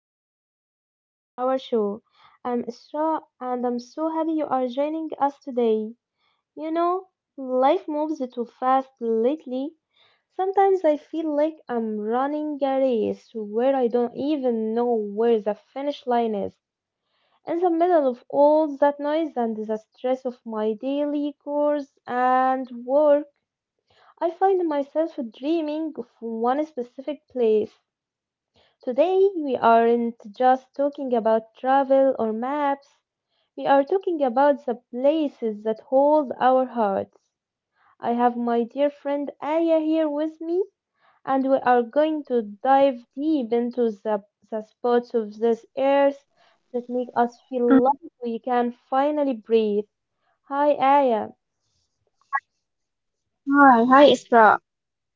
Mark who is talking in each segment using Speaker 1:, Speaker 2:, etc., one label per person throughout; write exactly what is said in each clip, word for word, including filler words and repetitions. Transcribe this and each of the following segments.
Speaker 1: special episode of our show. I'm Isra, and I'm so happy you are joining us today. You know, life moves too fast lately. Sometimes I feel like I'm running a race where I don't even know where the finish line is. In the middle of all that noise and the stress of my daily chores and work, I find myself dreaming of one specific place. Today, we aren't just talking about travel or maps, we are talking about the places that hold our hearts. I have my dear friend Aya here with me, and we are going to dive deep into the, the spots of this earth
Speaker 2: Um,
Speaker 1: that make us feel like we can finally breathe. Hi, Aya.
Speaker 2: yeah. All right. Hi, Isra.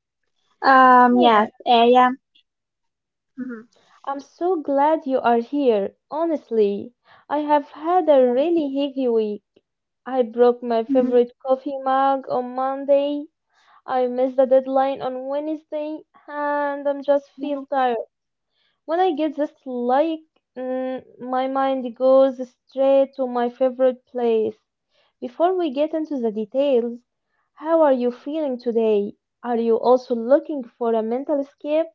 Speaker 2: Um, yes, I am. Mhm.
Speaker 1: I'm so glad you are here. Honestly, I have had a
Speaker 2: Yeah.
Speaker 1: really heavy week. I broke my
Speaker 2: Mhm.
Speaker 1: favorite coffee mug on Monday. I missed the deadline on Wednesday, and I'm just feel tired. When I get this like, mm, my mind goes straight to my favorite place. Before we get into the details, how are you feeling today? Are you also looking for a mental escape?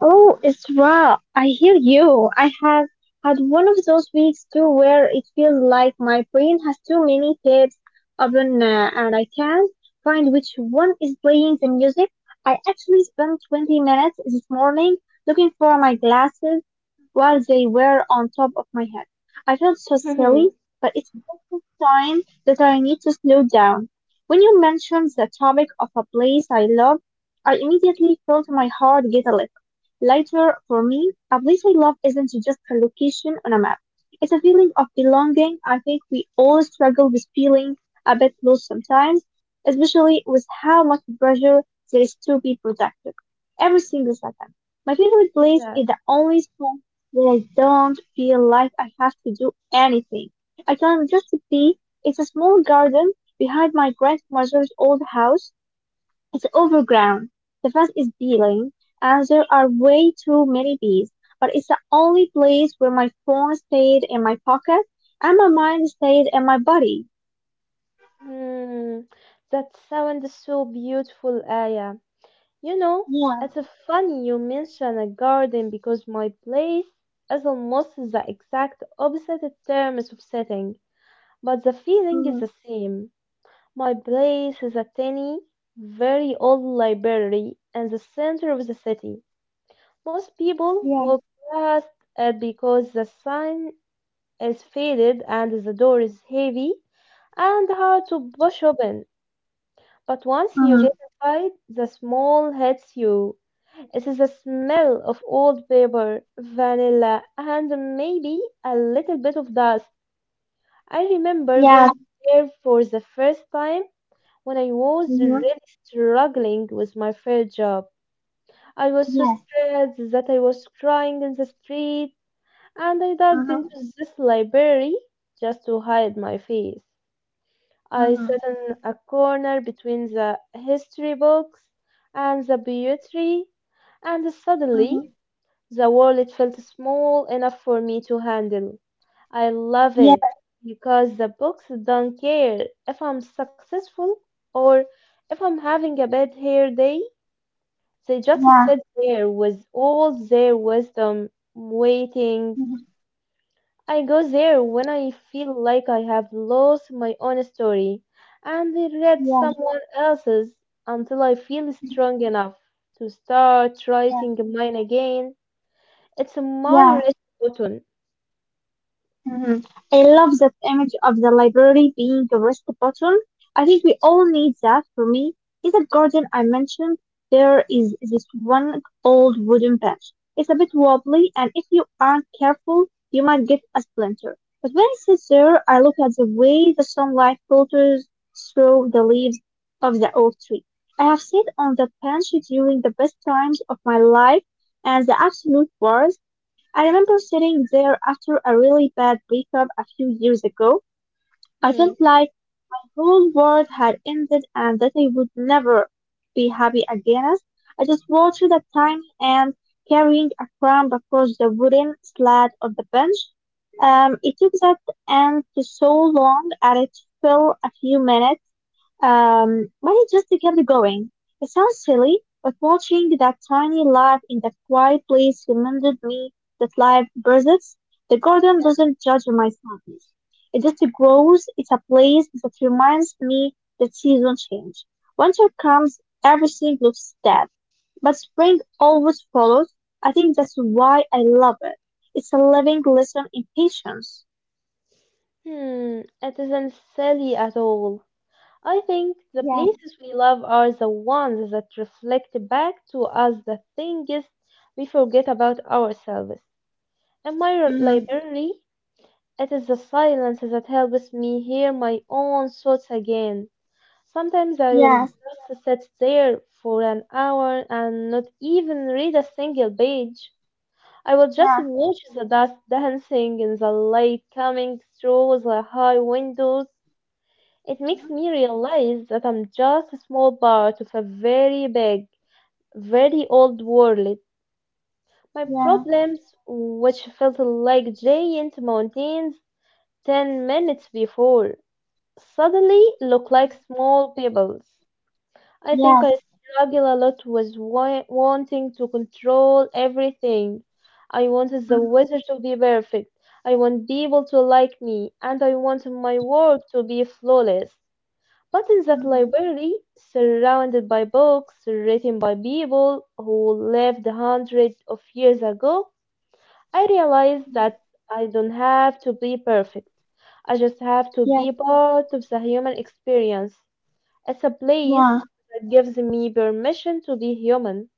Speaker 2: Oh, Isra, I hear you. I have had one of those weeks too where it feels like my brain has too many tabs open uh, and I can't find which one is playing the music. I actually spent twenty minutes this morning looking for my glasses while they were on top of my head. I felt so silly, but it's also a sign that I need to slow down. When you mentioned the topic of a place I love, I immediately felt my heart get a little lighter for me. A place I love isn't just a location on a map. It's a feeling of belonging. I think we all struggle with feeling a bit lost sometimes, especially with how much pressure there is to be productive every single second. My favorite place
Speaker 1: Yeah.
Speaker 2: is the only spot that I don't feel like I have to do anything. I can just be. It's a small garden behind my grandmother's old house. It's overground. The fence is peeling, and there are way too many bees. But it's the only place where my phone stayed in my pocket and my mind stayed in my body.
Speaker 1: Hmm, that sounds so beautiful, Aya. You know,
Speaker 2: Yeah.
Speaker 1: it's funny you mention a garden because my place is almost the exact opposite in terms of setting, but the feeling is
Speaker 2: Mm-hmm.
Speaker 1: the same. My place is a tiny, very old library in the center of the city. Most people
Speaker 2: Yeah.
Speaker 1: walk past it because the sign is faded and the door is heavy and hard to push open. But once you get
Speaker 2: Mm-hmm.
Speaker 1: inside, the smell hits you. It is the smell of old paper, vanilla, and maybe a little bit of dust. I remember going
Speaker 2: Yeah.
Speaker 1: there for the first time when I was
Speaker 2: Mm-hmm.
Speaker 1: really struggling with my first job. I was so
Speaker 2: Yes.
Speaker 1: stressed that I was crying in the street, and I dug
Speaker 2: Mm-hmm.
Speaker 1: into this library just to hide my face. I
Speaker 2: Mm-hmm.
Speaker 1: sat in a corner between the history books and the poetry, and
Speaker 2: Mm-hmm.
Speaker 1: suddenly the world felt small enough for me to handle. I love it
Speaker 2: Yes.
Speaker 1: because the books don't care if I'm successful or if I'm having a bad hair day. They just
Speaker 2: Yeah.
Speaker 1: sit there with all their wisdom, waiting.
Speaker 2: Mm-hmm.
Speaker 1: I go there when I feel like I have lost my own story and read
Speaker 2: Yeah.
Speaker 1: someone else's until I feel strong enough to start writing
Speaker 2: Yeah.
Speaker 1: mine again. It's my
Speaker 2: Yeah.
Speaker 1: rest button.
Speaker 2: Mhm. I love that image of the library being a rest button. I think we all need that. For me, in the garden I mentioned, there is this one old wooden bench. It's a bit wobbly, and if you aren't careful, you might get a splinter. But when it sits there, I look at the way the sunlight filters through the leaves of the oak tree. I have sat on that bench during the best times of my life, and the absolute worst. I remember sitting there after a really bad breakup a few years ago. I felt
Speaker 1: Hmm.
Speaker 2: like my whole world had ended and that I would never be happy again. I just watched a tiny ant carrying a crumb across the wooden slat of the bench. Um, it took that ant so long and it fell a few minutes um, but it just kept going. It sounds silly, but watching that tiny life in that quiet place reminded me that life breathes. The garden doesn't judge my sadness. It just grows. It's a place that reminds me that seasons change. Winter comes, everything looks dead, but spring always follows. I think that's why I love it. It's a living lesson in patience.
Speaker 1: Hmm, it isn't silly at all. I think the
Speaker 2: Yes,
Speaker 1: places we love are the ones that reflect back to us the things we forget about ourselves. In my r-
Speaker 2: hmm,
Speaker 1: library, it is the silence that helps me hear my own thoughts again. Sometimes I will
Speaker 2: yes,
Speaker 1: just sit there for an hour and not even read a single page. I will just
Speaker 2: yes,
Speaker 1: watch the dust dancing in the light coming through the high windows. It makes
Speaker 2: mhm,
Speaker 1: me realize that I'm just a small part of a very big, very old world. My problems, which felt like giant mountains ten minutes before, suddenly look like small pebbles. I think
Speaker 2: yes,
Speaker 1: I struggle a lot with wa- wanting to control everything. I wanted the
Speaker 2: yes.
Speaker 1: weather to be perfect. I want people to like me, and I want my work to be flawless. But in that
Speaker 2: Ég
Speaker 1: library, surrounded by books written by people who lived hundreds of years ago, I realize that I don't have to be perfect. I just have to be part of the human experience. It's a place
Speaker 2: var.
Speaker 1: that gives me permission to be human.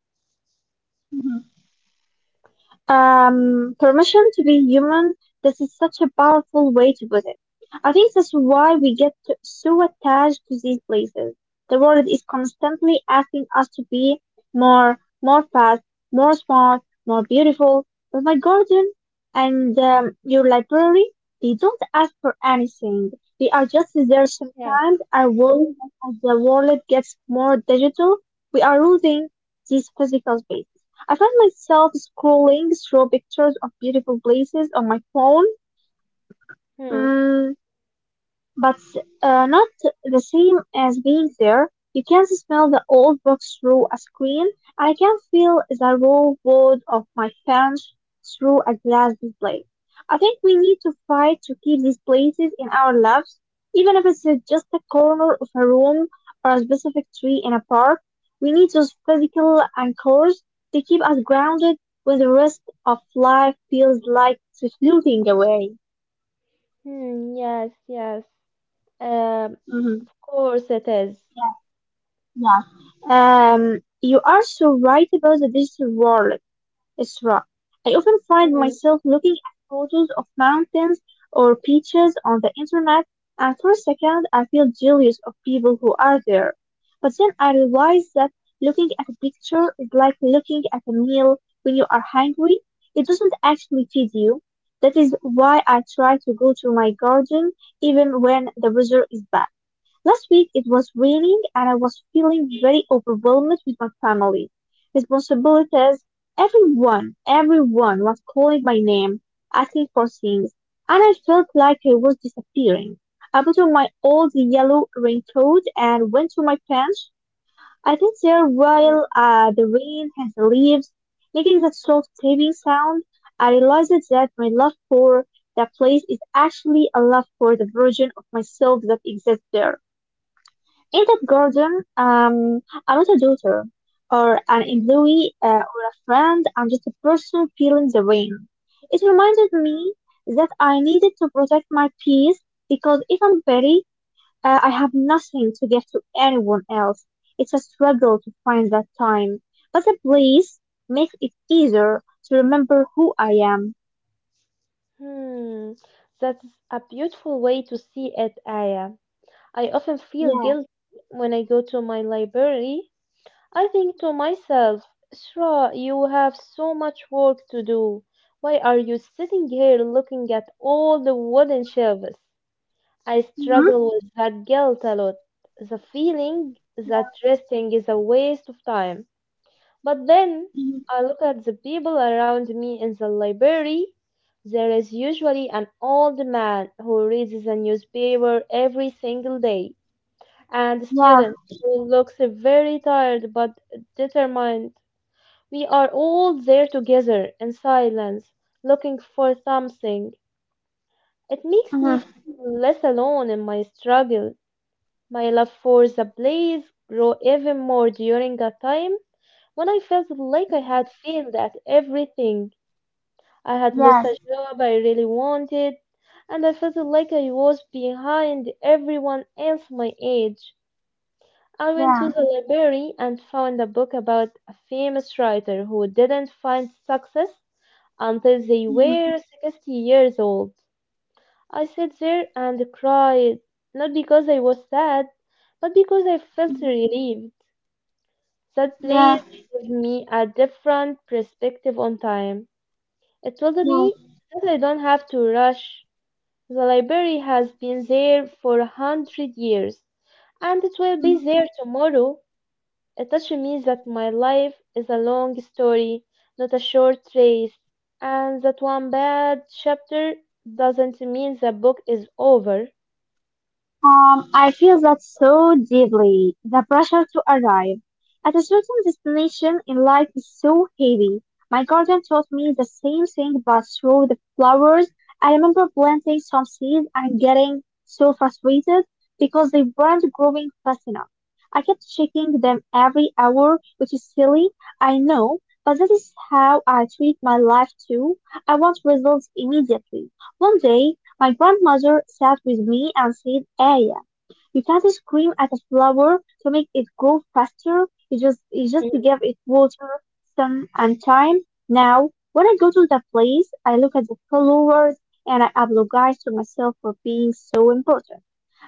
Speaker 2: um, Permission to be human. This is such a powerful way to put it. I think that's why we get to- so attached to these places. The world is constantly asking us to be more, more fast, more smart, more beautiful. But my garden and um, your library, they don't ask for anything. They are just there
Speaker 1: Yes.
Speaker 2: sometimes. I worry that as the world gets more digital, we are losing these physical spaces. I find myself scrolling through pictures of beautiful places on my phone.
Speaker 1: Hmm.
Speaker 2: Mm, but uh, not the same as being there. You can smell the old books through a screen. I can feel the raw wood of my fans through a glass display. I think we need to fight to keep these places in our lives, even if it's just a corner of a room or a specific tree in a park. We need those physical anchors to keep us grounded when the rest of life feels like it's floating away.
Speaker 1: Hmm. Yes. Yes. Um. Of course it is.
Speaker 2: Yeah. Um, you are so right about the digital world, Isra. I often find
Speaker 1: Hmm.
Speaker 2: myself looking at photos of mountains or beaches on the internet, and for a second I feel jealous of people who are there. But then I realize that looking at a picture is like looking at a meal when you are hungry. It doesn't actually feed you. That is why I try to go to my garden even when the weather is bad. Last week it was raining and I was feeling very overwhelmed with my family, responsibilities. Everyone, everyone was calling my name, asking for things, and I felt like I was disappearing. I put on my old yellow raincoat and went to my bench. I sat there
Speaker 1: Hmm.
Speaker 2: while uh, the rain hit the leaves, making that soft tapping sound. I realized that my love for that place is actually a love for the version of myself that exists there. In that garden, um, I'm not a daughter or an
Speaker 1: Hmm.
Speaker 2: employee uh, or a friend. I'm just a person feeling the rain. It reminded me that I needed to protect my peace because if I'm petty, uh, I have nothing to give to anyone else. It's a struggle to find that time, but the place makes it easier to remember who I am.
Speaker 1: Hmm. That's a beautiful way to see it, Aya. I often feel
Speaker 2: Yeah.
Speaker 1: guilty when I go to my library. I think to myself, Shra, you have so much work to do. Why are you sitting here looking at all the wooden shelves? I
Speaker 2: Mm-hmm.
Speaker 1: struggle with that guilt a lot. The feeling that resting is a waste of time. But then I look at the people around me in the library. There is usually an old man who reads the newspaper every single day, and a
Speaker 2: Yeah.
Speaker 1: student who looks very tired but determined. We are all there together in silence, looking for something. It makes me
Speaker 2: Mm-hmm.
Speaker 1: feel less alone in my struggle. My love for the place grew even more during a time when I felt like I had failed at everything. I had lost
Speaker 2: Yes.
Speaker 1: a job I really wanted, and I felt like I was behind everyone else my age. I went to
Speaker 2: Yeah.
Speaker 1: the library and found a book about a famous writer who didn't find success until they
Speaker 2: Mm-hmm.
Speaker 1: were sixty years old. I sat there and cried, not because I was sad, but because I felt relieved. That place
Speaker 2: Yeah.
Speaker 1: gave me a different perspective on time. It told
Speaker 2: Yes.
Speaker 1: me that I don't have to rush. The library has been there for a hundred years, and it will be there tomorrow. It touched me that my life is a long story, not a short race, and that one bad chapter doesn't mean the book is over.
Speaker 2: Um, I feel that so deeply. The pressure to arrive at a certain destination in life is so heavy. My garden taught me the same thing, but through the flowers. I remember planting some seeds and getting so frustrated because they weren't growing fast enough. I kept checking them every hour, which is silly, I know, but that is how I treat my life too. I want results immediately. One day, my grandmother sat with me and said, Aya, you can't scream at a flower to make it grow faster. You just, you just give it water, sun, and time. Now, when I go to the place, I look at the flowers and I apologize to myself for being so important.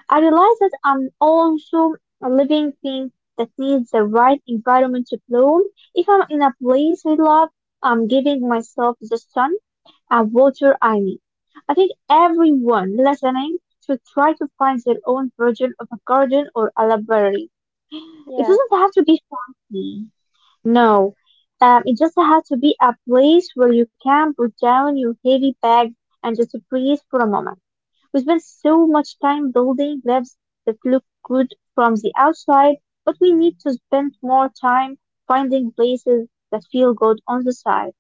Speaker 2: I realize that I'm also a living thing that needs the right environment to bloom. If I'm in a place I love, I'm giving myself the sun and water I need. I think everyone listening should try to find their own version of a garden or a library. It
Speaker 1: Yes,
Speaker 2: doesn't have to be fancy. No, um, it just has to be a place where you can put down your heavy bag and just breathe for a moment. We spend so much time building lives that look good from the outside, but we need to spend more time finding places that feel good on the side.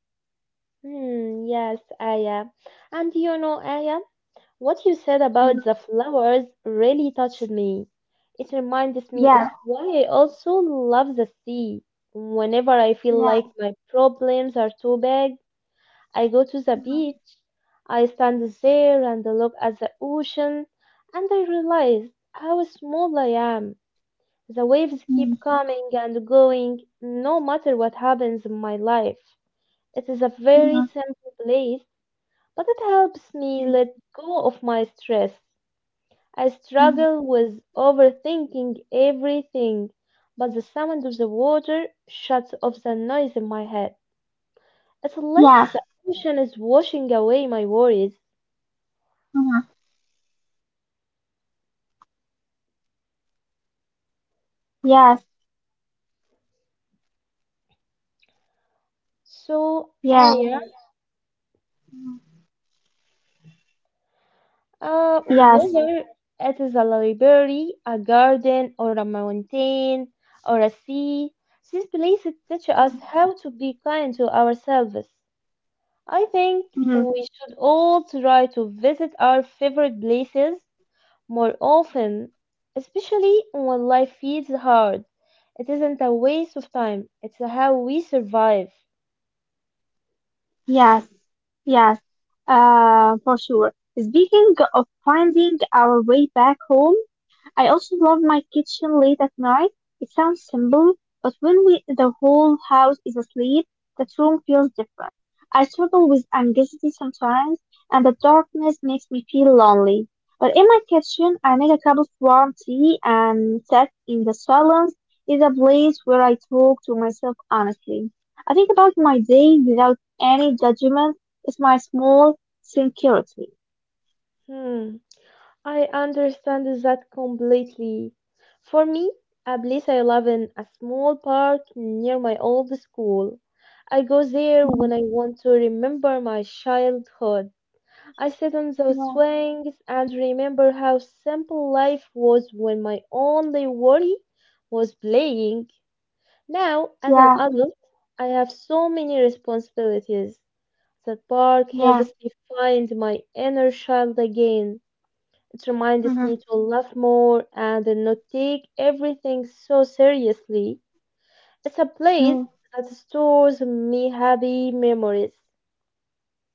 Speaker 1: hmm, yes, Aya. And you know, Aya, what you said about
Speaker 2: Mhm.
Speaker 1: the flowers really touched me. It reminds me of
Speaker 2: Yeah,
Speaker 1: why I also love the sea. Whenever I feel
Speaker 2: yeah.
Speaker 1: like my problems are too big, I go to the beach, I stand there and look at the ocean, and I realize how small I am. The waves keep
Speaker 2: Mhm.
Speaker 1: coming and going no matter what happens in my life. It is a very simple place, but it helps me let go of my stress. I
Speaker 2: Mm,
Speaker 1: struggle with overthinking everything, but the sound of the water shuts off the noise in my head. It's like
Speaker 2: yes.
Speaker 1: the ocean is washing away my worries.
Speaker 2: Mhm. Yes.
Speaker 1: So, Aya,
Speaker 2: Yes.
Speaker 1: uh,
Speaker 2: Yes.
Speaker 1: whether it is a library, a garden, or a mountain, or a sea, these places teach us how to be kind to ourselves. I think
Speaker 2: Mhm.
Speaker 1: we should all try to visit our favorite places more often, especially when life feels hard. It isn't a waste of time, it's how we survive.
Speaker 2: Yes, yes, uh, for sure. Speaking of finding our way back home, I also love my kitchen late at night. It sounds simple, but when we, the whole house is asleep, that room feels different. I struggle with anxiety sometimes, and the darkness makes me feel lonely. But in my kitchen, I make a cup of warm tea and sit in the silence. It's a place where I talk to myself honestly. I think about my day without any judgment. It's my small security.
Speaker 1: Hmm. I understand that completely. For me, a place I love in a small park near my old school. I go there when
Speaker 2: Mhm.
Speaker 1: I want to remember my childhood. I sit on those
Speaker 2: Yeah,
Speaker 1: swings and remember how simple life was when my only worry was playing. Now, as an
Speaker 2: yeah,
Speaker 1: adult, I have so many responsibilities. That park
Speaker 2: yeah.
Speaker 1: helps me find my inner child again. It reminds me to laugh more and not take everything so seriously. It's a place
Speaker 2: hmm
Speaker 1: that stores me happy memories.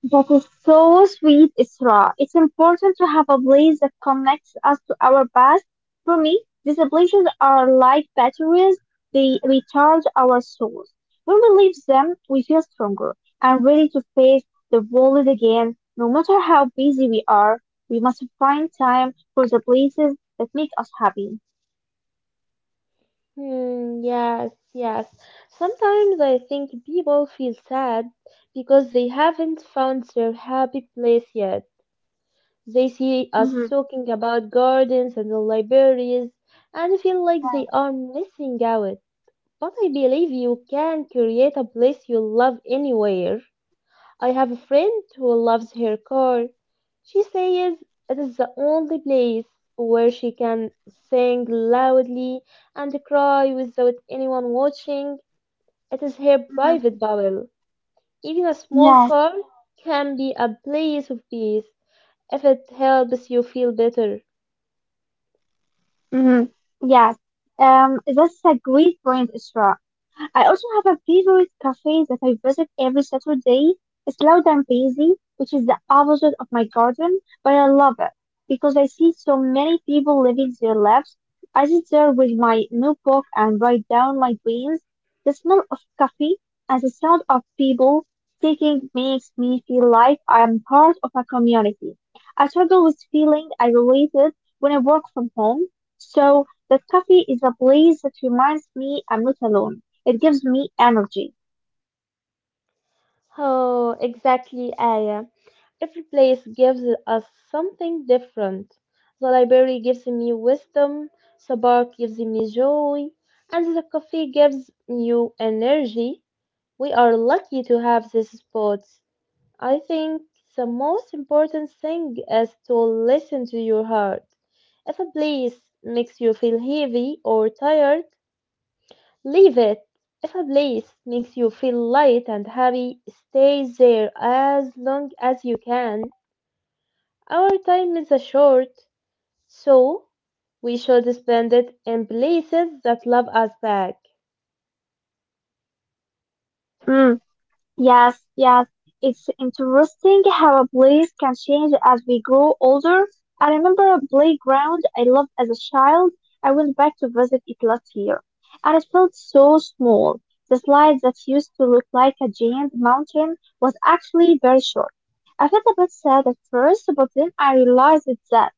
Speaker 2: That is so sweet, Isra. It's important to have a place that connects us to our past. For me, these places are like batteries. They recharge our souls. When we leave them, we feel stronger and ready to face the world again. No matter how busy we are, we must find time for the places that make us happy.
Speaker 1: Hmm, yes, yes. Sometimes I think people feel sad because they haven't found their happy place yet. They see us
Speaker 2: Hmm.
Speaker 1: talking about gardens and the libraries and feel like they
Speaker 2: Yes.
Speaker 1: are missing out. But I believe you can create a place you love anywhere. I have a friend who loves her car. She says it is the only place where she can sing loudly and cry without anyone watching. It is her
Speaker 2: Hmm.
Speaker 1: private bubble. Even a small
Speaker 2: Yes.
Speaker 1: car can be a place of peace if it helps you feel better.
Speaker 2: Hmm. Yes. Um, that's a great point, Isra. I also have a favorite cafe that I visit every Saturday. It's loud and busy, which is the opposite of my garden, but I love it because I see so many people living their lives. I sit there with my notebook and write down my dreams. The smell of coffee and the sound of people taking makes me feel like I am part of a community. I struggle with feeling isolated when I work from home, so the coffee is a place that reminds me I'm not alone. It gives me energy.
Speaker 1: Oh, exactly, Aya. Every place gives us something different. The library gives me wisdom, the bar gives me joy, and the coffee gives you energy. We are lucky to have these spots. I think the most important thing is to listen to your heart. If a place makes you feel heavy or tired, leave it. If a place makes you feel light and happy, stay there as long as you can. Our time is a short, so we should spend it in places that love us back.
Speaker 2: Mm, yes, yes. It's interesting how a place can change as we grow older. I remember a playground I loved as a child. I went back to visit it last year, and it felt so small. The slide that used to look like a giant mountain was actually very short. I felt a bit sad at first, but then I realized that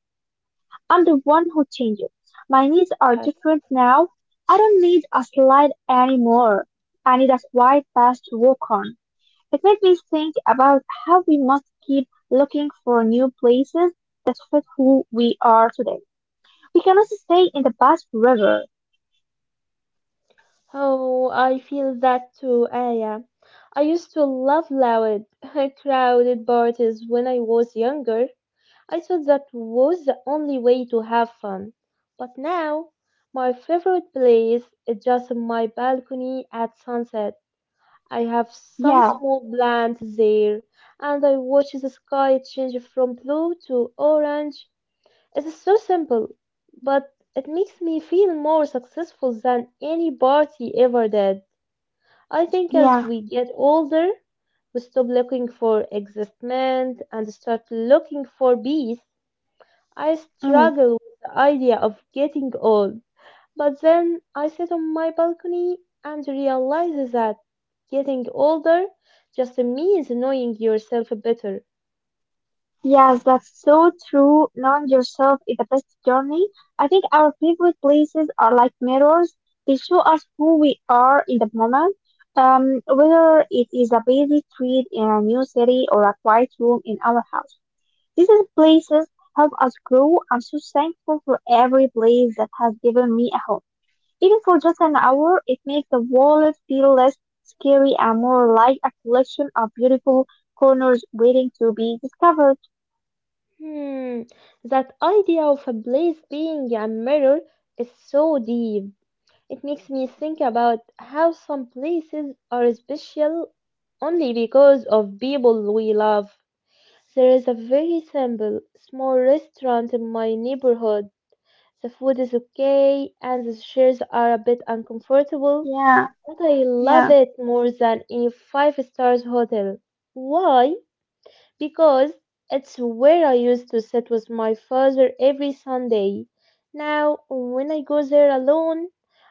Speaker 2: I'm the one who changed it. My needs are
Speaker 1: Yes.
Speaker 2: different now. I don't need a slide anymore. I need a wide path to walk on. It made me think about how we must keep looking for new places that fit who we are today. We cannot stay in the past forever.
Speaker 1: Oh, I feel that too, Aya. I used to love loud, crowded parties when I was younger. I thought that was the only way to have fun. But now, my favorite place is just my balcony at sunset. I have some
Speaker 2: Yeah,
Speaker 1: small plants there, and I watch the sky change from blue to orange. It's so simple, but it makes me feel more successful than any party ever did. I think as
Speaker 2: yeah.
Speaker 1: we get older, we stop looking for excitement and start looking for peace. I
Speaker 2: Mm.
Speaker 1: struggle with the idea of getting old. But then I sit on my balcony and realize that getting older just means knowing yourself better.
Speaker 2: Yes, that's so true. Knowing yourself is the best journey. I think our favorite places are like mirrors. They show us who we are in the moment. Um, whether it is a busy street in a new city or a quiet room in our house. These are places help us grow. I'm so thankful for every place that has given me a home. Even for just an hour, it makes the world feel less scary and more like a collection of beautiful corners waiting to be discovered.
Speaker 1: Hmm, that idea of a place being a mirror is so deep. It makes me think about how some places are special only because of people we love. There is a very simple, small restaurant in my neighborhood. The food is okay and the chairs are a bit uncomfortable,
Speaker 2: Yeah.
Speaker 1: but I love
Speaker 2: Yeah.
Speaker 1: it more than any five stars hotel. Why? Because it's where I used to sit with my father every Sunday. Now, when I go there alone,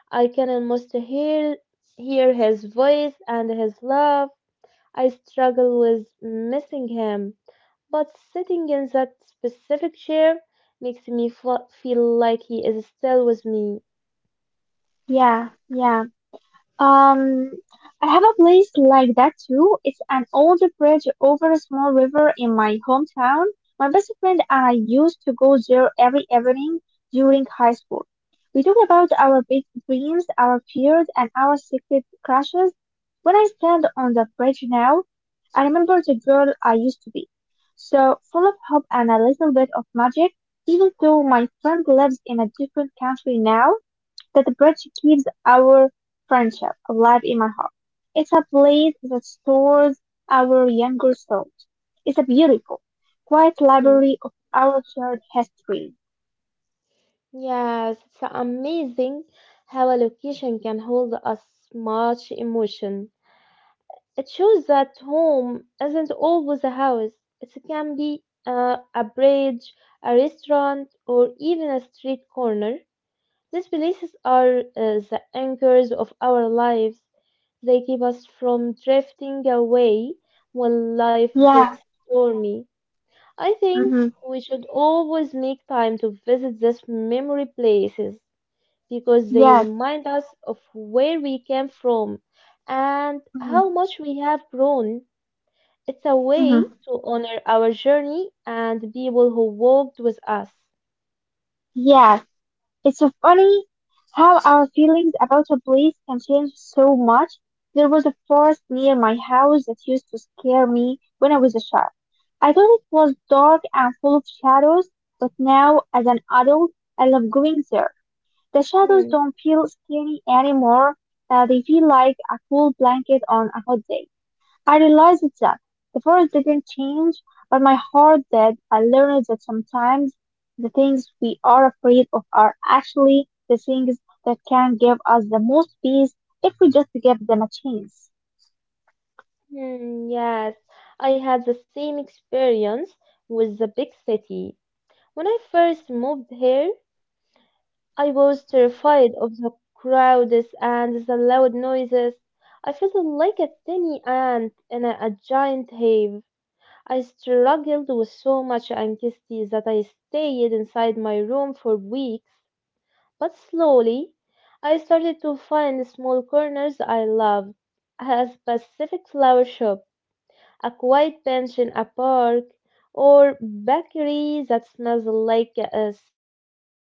Speaker 1: I can almost hear hear his voice and his laugh. I struggle with missing him, but sitting in that specific chair makes me fe- feel like he is still with me.
Speaker 2: Yeah, yeah. Um, I have a place like that too. It's an old bridge over a small river in my hometown. My best friend and I used to go there every evening during high school. We talk about our big dreams, our fears, and our secret crushes. When I stand on the bridge now, I remember the girl I used to be. So full of hope and a little bit of magic, even though my friend lives in a different country now. That bridge keeps our friendship alive in my heart. It's a place that stores our younger selves. It's a beautiful, quiet
Speaker 1: Hmm.
Speaker 2: library of our shared history.
Speaker 1: Yes, it's amazing how a location can hold us much emotion. It shows that home isn't always a house. It can be uh, a bridge, a restaurant, or even a street corner. These places are uh, the anchors of our lives. They keep us from drifting away when life gets
Speaker 2: Yeah.
Speaker 1: stormy. I think
Speaker 2: Mm-hmm.
Speaker 1: we should always make time to visit these memory places because they
Speaker 2: Yes.
Speaker 1: remind us of where we came from and
Speaker 2: Mm-hmm.
Speaker 1: how much we have grown. It's a way
Speaker 2: Mm-hmm.
Speaker 1: to honor our journey and the people who walked with us.
Speaker 2: Yes. It's so funny how our feelings about a place can change so much. There was a forest near my house that used to scare me when I was a child. I thought it was dark and full of shadows, but now, as an adult, I love going there. The shadows
Speaker 1: Hmm,
Speaker 2: don't feel scary anymore. Uh, they feel like a cool blanket on a hot day. I realized that the forest didn't change, but my heart did. I learned that sometimes the things we are afraid of are actually the things that can give us the most peace if we just give them a chance.
Speaker 1: hmm, yes, I had the same experience with the big city. When I first moved here, I was terrified of the crowds and the loud noises. I felt like a tiny ant in a, a giant hive. I struggled with so much anxiety that I stayed inside my room for weeks, but slowly I started to find small corners I loved a specific flower shop, a quiet bench in a park, or bakery that smells like uh, cinnamon.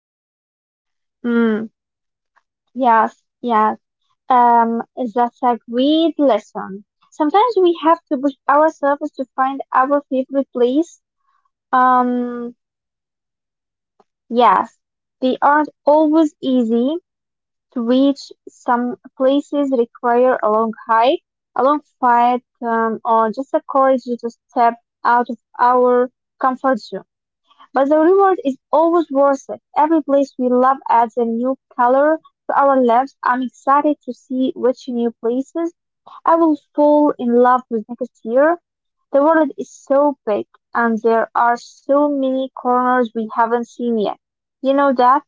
Speaker 1: Now I love the
Speaker 2: Mm,
Speaker 1: energy of the city.
Speaker 2: yes, yes.
Speaker 1: It makes
Speaker 2: Um,
Speaker 1: me
Speaker 2: that's
Speaker 1: uh,
Speaker 2: a great
Speaker 1: feel
Speaker 2: lesson.
Speaker 1: alive
Speaker 2: Sometimes we have
Speaker 1: and
Speaker 2: to push
Speaker 1: connected
Speaker 2: ourselves to find
Speaker 1: to
Speaker 2: our favorite
Speaker 1: everyone else.
Speaker 2: place.
Speaker 1: It's a place that
Speaker 2: Um,
Speaker 1: taught me how to be brave.
Speaker 2: yes, they aren't always
Speaker 1: So,
Speaker 2: easy, to reach
Speaker 1: um,
Speaker 2: some places
Speaker 1: uh, this is
Speaker 2: require
Speaker 1: the
Speaker 2: a long
Speaker 1: end of our
Speaker 2: hike, a
Speaker 1: podcast
Speaker 2: long
Speaker 1: today.
Speaker 2: fight, um, or just the
Speaker 1: Thank you
Speaker 2: courage
Speaker 1: for
Speaker 2: to step
Speaker 1: listening
Speaker 2: out of
Speaker 1: and
Speaker 2: our
Speaker 1: goodbye,
Speaker 2: comfort zone.
Speaker 1: everyone.
Speaker 2: But
Speaker 1: Thank
Speaker 2: the
Speaker 1: you.
Speaker 2: reward is always worth it. Every place we love adds a new color to our lives. I'm excited to see which new places I will fall in love with next year. The world is so big, and there are so many corners we haven't seen yet. You know that?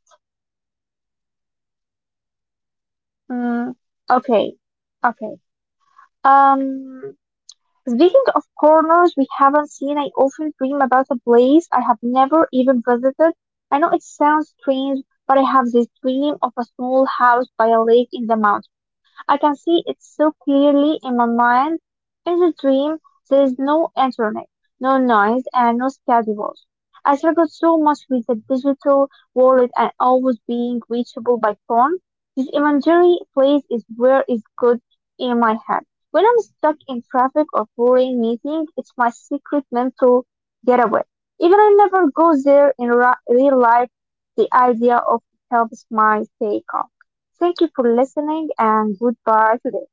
Speaker 2: Mm, okay, okay. Um, Speaking of corners we haven't seen, I often dream about a place I have never even visited. I know it sounds strange, but I have this dream of a small house by a lake in the mountains. I can see it so clearly in my mind. In the dream, there is no internet, no noise, and no schedules. I struggled so much with the digital wallet and always being reachable by phone. This imaginary place is where it's good in my head. When I'm stuck in traffic or boring meeting, it's my secret mental getaway. Even I never go there in ra- real life, the idea of helps my stay calm. Thank you for listening and goodbye today.